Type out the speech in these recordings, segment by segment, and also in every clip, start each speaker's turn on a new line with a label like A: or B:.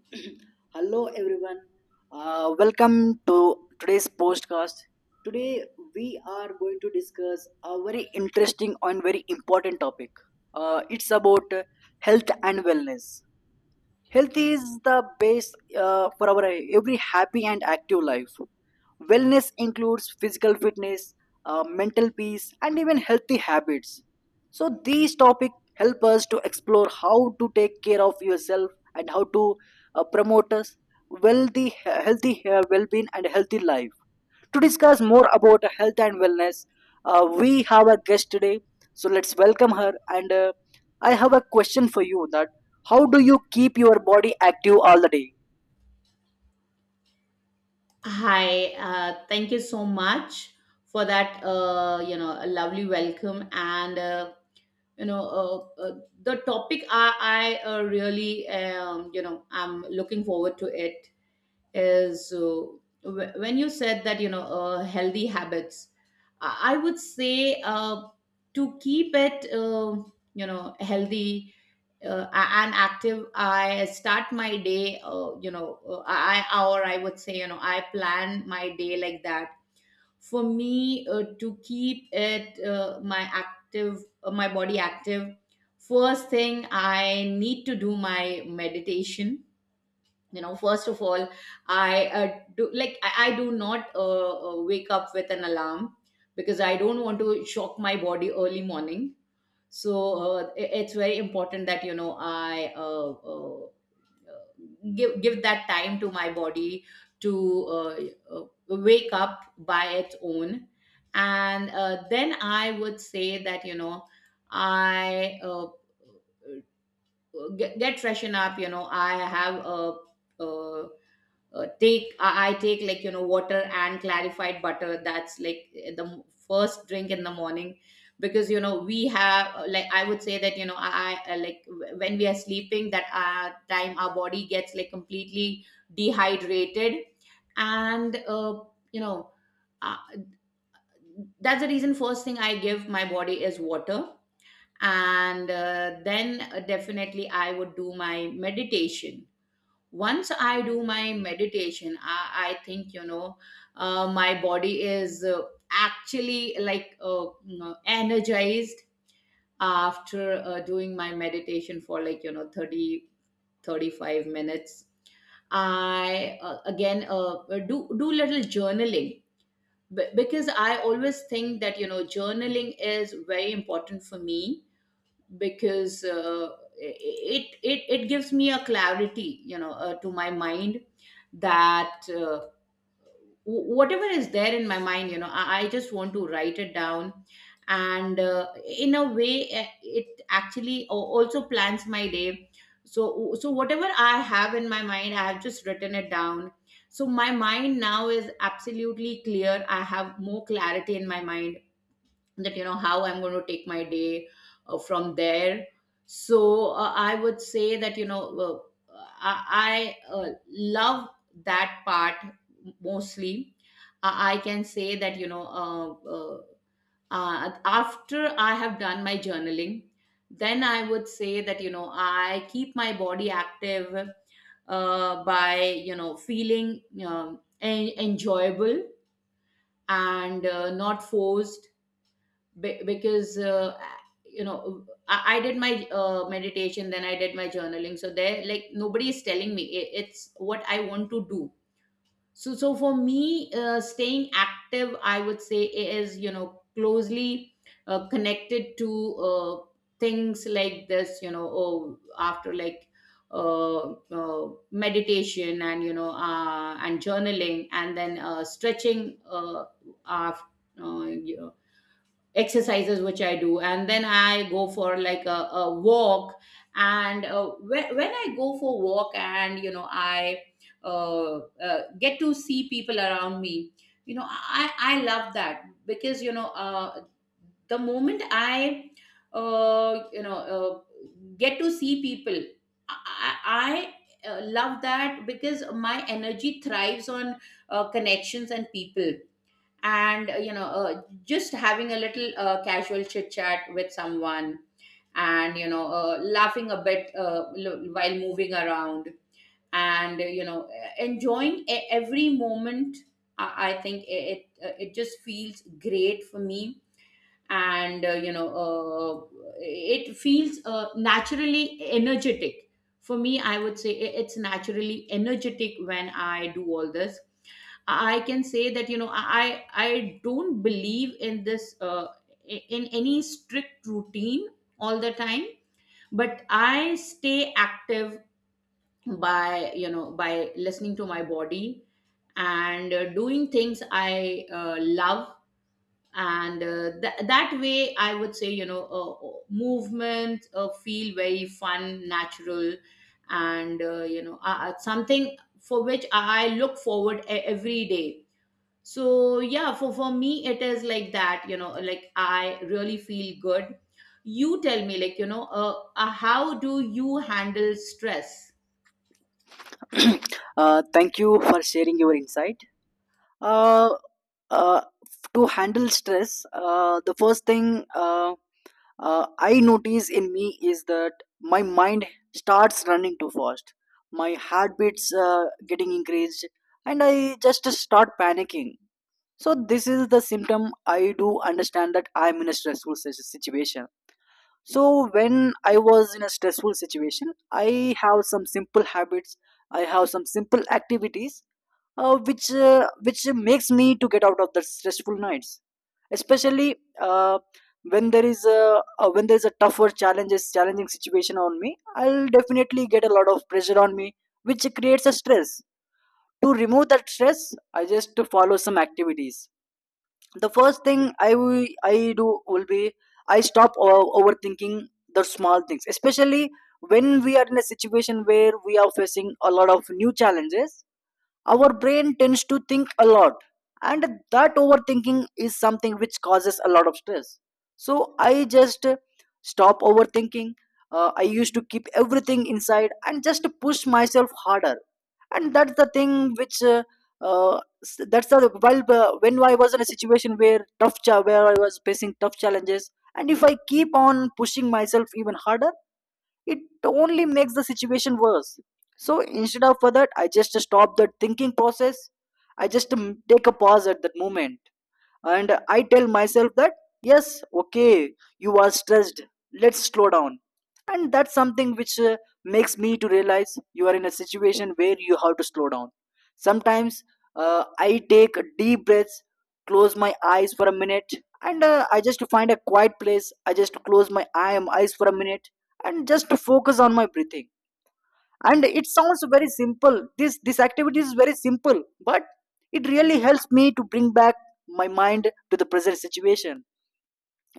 A: Hello, everyone. Welcome to today's podcast. Today, we are going to discuss a very interesting and very important topic. It's about health and wellness. Health is the base for our every happy and active life. Wellness includes physical fitness, mental peace, and even healthy habits. So, these topics help us to explore how to take care of yourself and how to promote us wealthy, healthy well being and healthy life. To discuss more about health and wellness, we have a guest today. So let's welcome her. And I have a question for you: that how do you keep your body active all the day?
B: Hi, thank you so much for that, a lovely welcome. And, you know, uh, uh, the topic I really, I'm looking forward to it is when you said that healthy habits. I would say, to keep it healthy and active, I start my day. I, or I would say, I plan my day like that. For me, to keep it my active, my body active, first thing I need to do my meditation. First of all, I do, like, I do not wake up with an alarm, because I don't want to shock my body early morning. So it's very important that, I give that time to my body to uh, wake up by its own. And then I would say that, I get freshen up. I have uh, I take, like, water and clarified butter. That's like the first drink in the morning. Because, we have, like I would say that you know I like w- when we are sleeping, that time our body gets, like, completely dehydrated. And uh, you know uh, that's the reason first thing I give my body is water. And then definitely, I would do my meditation. Once I do my meditation, I think, my body is, actually, like, energized after doing my meditation for, like, thirty five minutes. I again do little journaling, because I always think that, journaling is very important for me. Because it gives me a clarity, to my mind, that whatever is there in my mind, I just want to write it down. And in a way, it actually also plans my day. So whatever I have in my mind, I have just written it down. So my mind now is absolutely clear. I have more clarity in my mind, that, how I'm going to take my day from there. So I would say that, I love that part mostly. I can say that, uh, after I have done my journaling, then I would say that, I keep my body active by, feeling enjoyable, and not forced. Be- because I did my meditation, then I did my journaling, so there, like, nobody is telling me, it's what I want to do. So for me, staying active, I would say, is, closely connected to things like this, oh, after, like, meditation, and, and journaling, and then stretching, after exercises which I do, and then I go for like a walk. And when I go for walk, and, I get to see people around me. I love that, because, the moment I, uh, you know uh, get to see people, I, I love that because my energy thrives on connections and people, and, just having a little casual chit chat with someone, and, laughing a bit while moving around, and enjoying every moment. I think it just feels great for me. And, it feels naturally energetic. For me, I would say, it's naturally energetic when I do all this. I can say that, I don't believe in this in any strict routine all the time, but I stay active by, by listening to my body, and doing things I love, and that way, I would say, movement feel very fun, natural, and, something for which I look forward every day. So yeah, for me it is like that, like, I really feel good. You tell me, like, how do you handle stress?
A: Thank you for sharing your insight. Uh, uh, to handle stress, the first thing. I notice in me is that my mind starts running too fast. My heartbeats getting increased, and I just start panicking. So this is the symptom I do understand that I'm in a stressful situation. So when I was in a stressful situation, I have some simple habits. I have some simple activities, which which makes me to get out of the stressful nights. Especially when there is a tougher challenges, challenging situation on me, I'll definitely get a lot of pressure on me, which creates a stress. To remove that stress, I just to follow some activities. The first thing I do will be I stop overthinking the small things, especially when we are in a situation where we are facing a lot of new challenges. Our brain tends to think a lot, and that overthinking is something which causes a lot of stress. So I just stop overthinking. I used to keep everything inside and just push myself harder, and that's the thing which s- that's the while when I was in a situation where where I was facing tough challenges, and if I keep on pushing myself even harder, it only makes the situation worse. So instead of for that, I just stop that thinking process. I just take a pause at that moment, and I tell myself that yes, okay, you are stressed, let's slow down. And that's something which makes me to realize you are in a situation where you have to slow down. Sometimes I take deep breaths, close my eyes for a minute. And I just find a quiet place, I just close my eyes for a minute and just to focus on my breathing. And it sounds very simple, this activity is very simple, but it really helps me to bring back my mind to the present situation.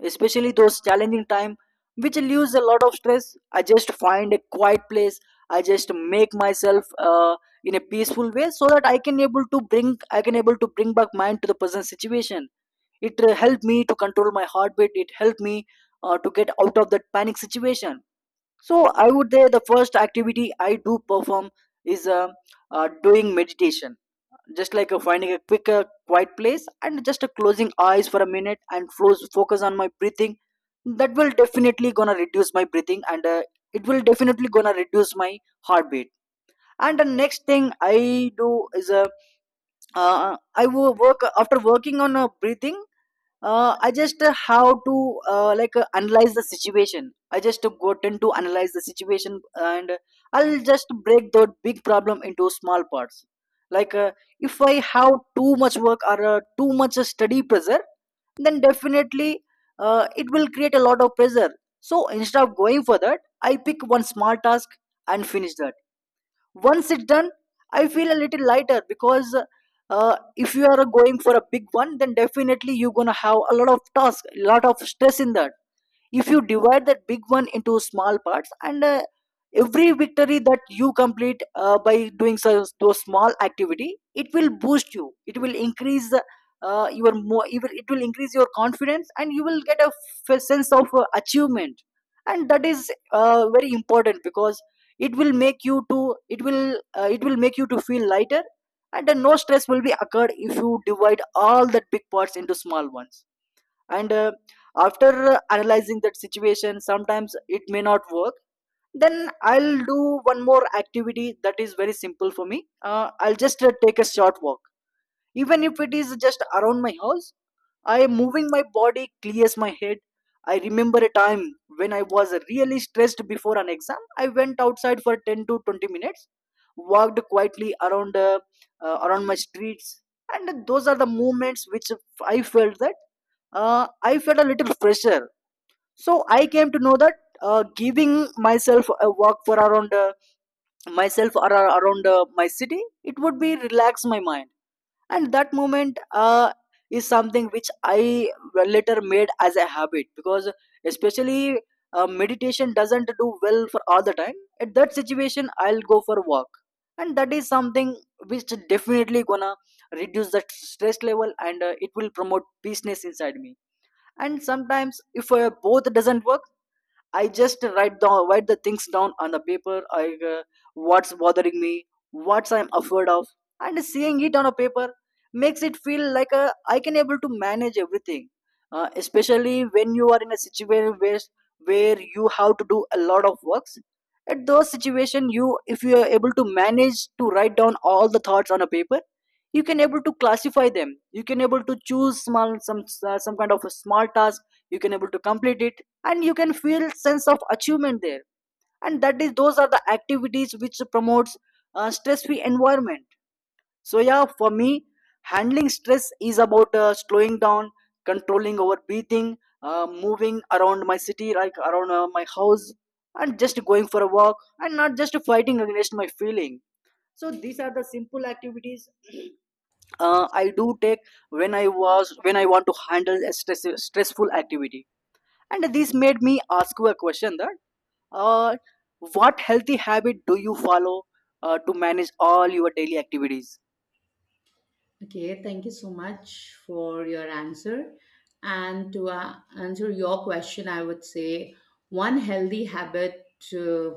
A: Especially those challenging time which leaves a lot of stress, I just find a quiet place, I just make myself in a peaceful way so that I can able to bring back mind to the present situation. It helped me to control my heartbeat, it helped me to get out of that panic situation. So I would say the first activity I do perform is doing meditation, just like finding a quiet place and just closing eyes for a minute and focus on my breathing. That will definitely gonna reduce my breathing, and it will definitely gonna reduce my heartbeat. And the next thing I do is work after working on breathing. I just how to like analyze the situation. I just go tend to analyze the situation, and I'll just break the big problem into small parts. Like if I have too much work or too much study pressure, then definitely it will create a lot of pressure. So instead of going for that, I pick one small task and finish that. Once it's done, I feel a little lighter, because if you are going for a big one, then definitely you're gonna have a lot of task, a lot of stress in that. If you divide that big one into small parts, and every victory that you complete by doing so, those small activity, it will boost you, it will increase your more it will increase your confidence, and you will get a sense of achievement. And that is very important, because it will make you to it will make you to feel lighter. And no stress will be occurred if you divide all that big parts into small ones. And after analyzing that situation, sometimes it may not work, then I'll do one more activity that is very simple for me. I'll just take a short walk, even if it is just around my house. I am moving my body, clears my head. I remember a time when I was really stressed before an exam. I went outside for 10 to 20 minutes, walked quietly around my streets, and those are the moments which I felt that I felt a little fresher. So I came to know that giving myself a walk for around myself or around my city, it would be relax my mind. And that moment is something which I, well, later made as a habit, because especially meditation doesn't do well for all the time. At that situation, I'll go for walk, and that is something which definitely gonna reduce the stress level, and it will promote peaceness inside me. And sometimes if both doesn't work, I just write the things down on the paper. I what's bothering me, what's I'm afraid of, and seeing it on a paper makes it feel like I can able to manage everything. Especially when you are in a situation where you have to do a lot of works. At those situation, you, if you are able to manage to write down all the thoughts on a paper, you can able to classify them, you can able to choose small some kind of a small task, you can able to complete it, and you can feel sense of achievement there. And that is those are the activities which promotes stress free environment. So yeah, for me, handling stress is about slowing down, controlling over breathing, moving around my city like around my house, and just going for a walk, and not just fighting against my feeling. So these are the simple activities I do take when I was when I want to handle a stressful activity. And this made me ask you a question that uh, what healthy habit do you follow to manage all your daily activities?
B: Okay, thank you so much for your answer. And to answer your question, I would say one healthy habit uh,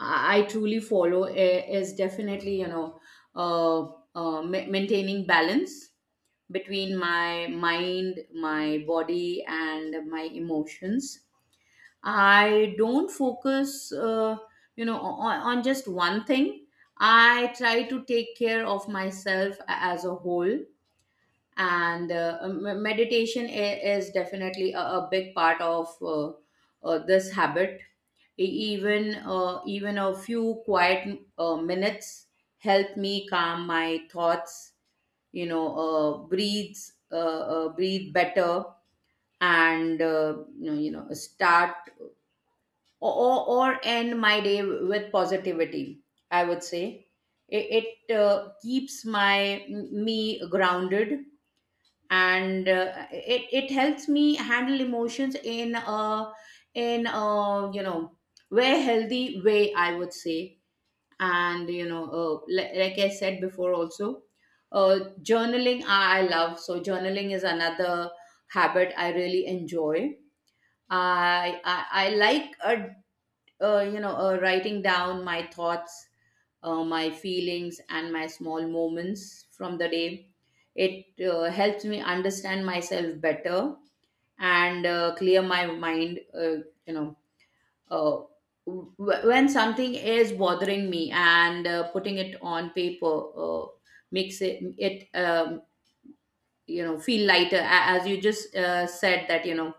B: I truly follow is definitely, uh, maintaining balance between my mind, my body, and my emotions. I don't focus, on just one thing. I try to take care of myself as a whole, and meditation is definitely a big part of this habit. E- even a few quiet minutes help me calm my thoughts, breathe, uh, breathe better, and, start or end my day with positivity, I would say. It keeps my me grounded, and it helps me handle emotions in a very healthy way, I would say. And, like, I said before also, journaling I love. So journaling is another habit I really enjoy. I like, writing down my thoughts, my feelings, and my small moments from the day. It helps me understand myself better and clear my mind. Uh, w- when something is bothering me and putting it on paper makes it feel lighter. As you just said that, you know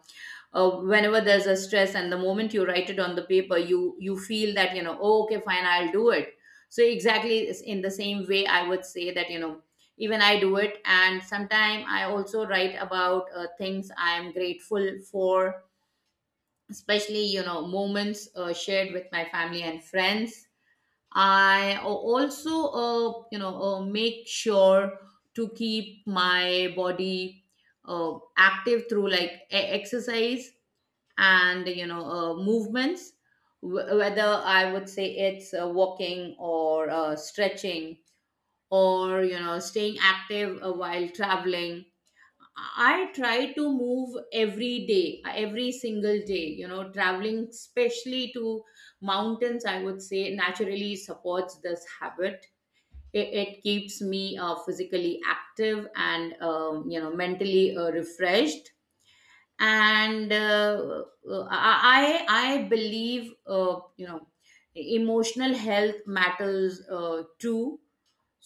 B: uh, whenever there's a stress, and the moment you write it on the paper, you feel that, oh, okay, fine, I'll do it. So exactly is in the same way, I would say, that, even I do it. And sometime I also write about things I'm grateful for, especially, moments shared with my family and friends. I also, make sure to keep my body active through, like, exercise and, movements. Whether, I would say, it's walking or stretching, or, staying active while traveling. I try to move every day, every single day, traveling, especially to mountains, I would say, naturally supports this habit. It keeps me physically active and, mentally refreshed. And I believe, emotional health matters too.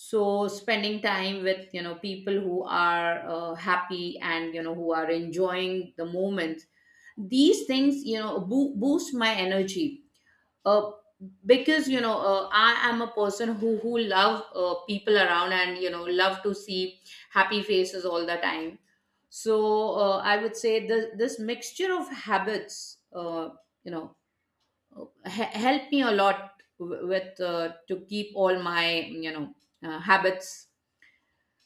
B: So spending time with, people who are happy and, who are enjoying the moment, these things, boost my energy, uh, because, I am a person who love people around, and, love to see happy faces all the time. So I would say this mixture of habits you know help me a lot, w- with to keep all my, habits.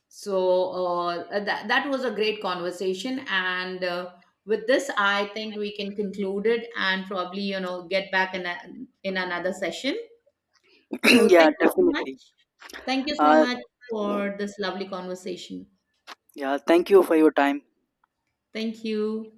B: So that was a great conversation, and with this, I think we can conclude it, and probably, get back in in another session. So
A: Yeah,
B: thank you so
A: definitely.
B: much. Thank you so
A: Uh,
B: much for this lovely conversation.
A: yeah, thank you for your time.
B: Thank you.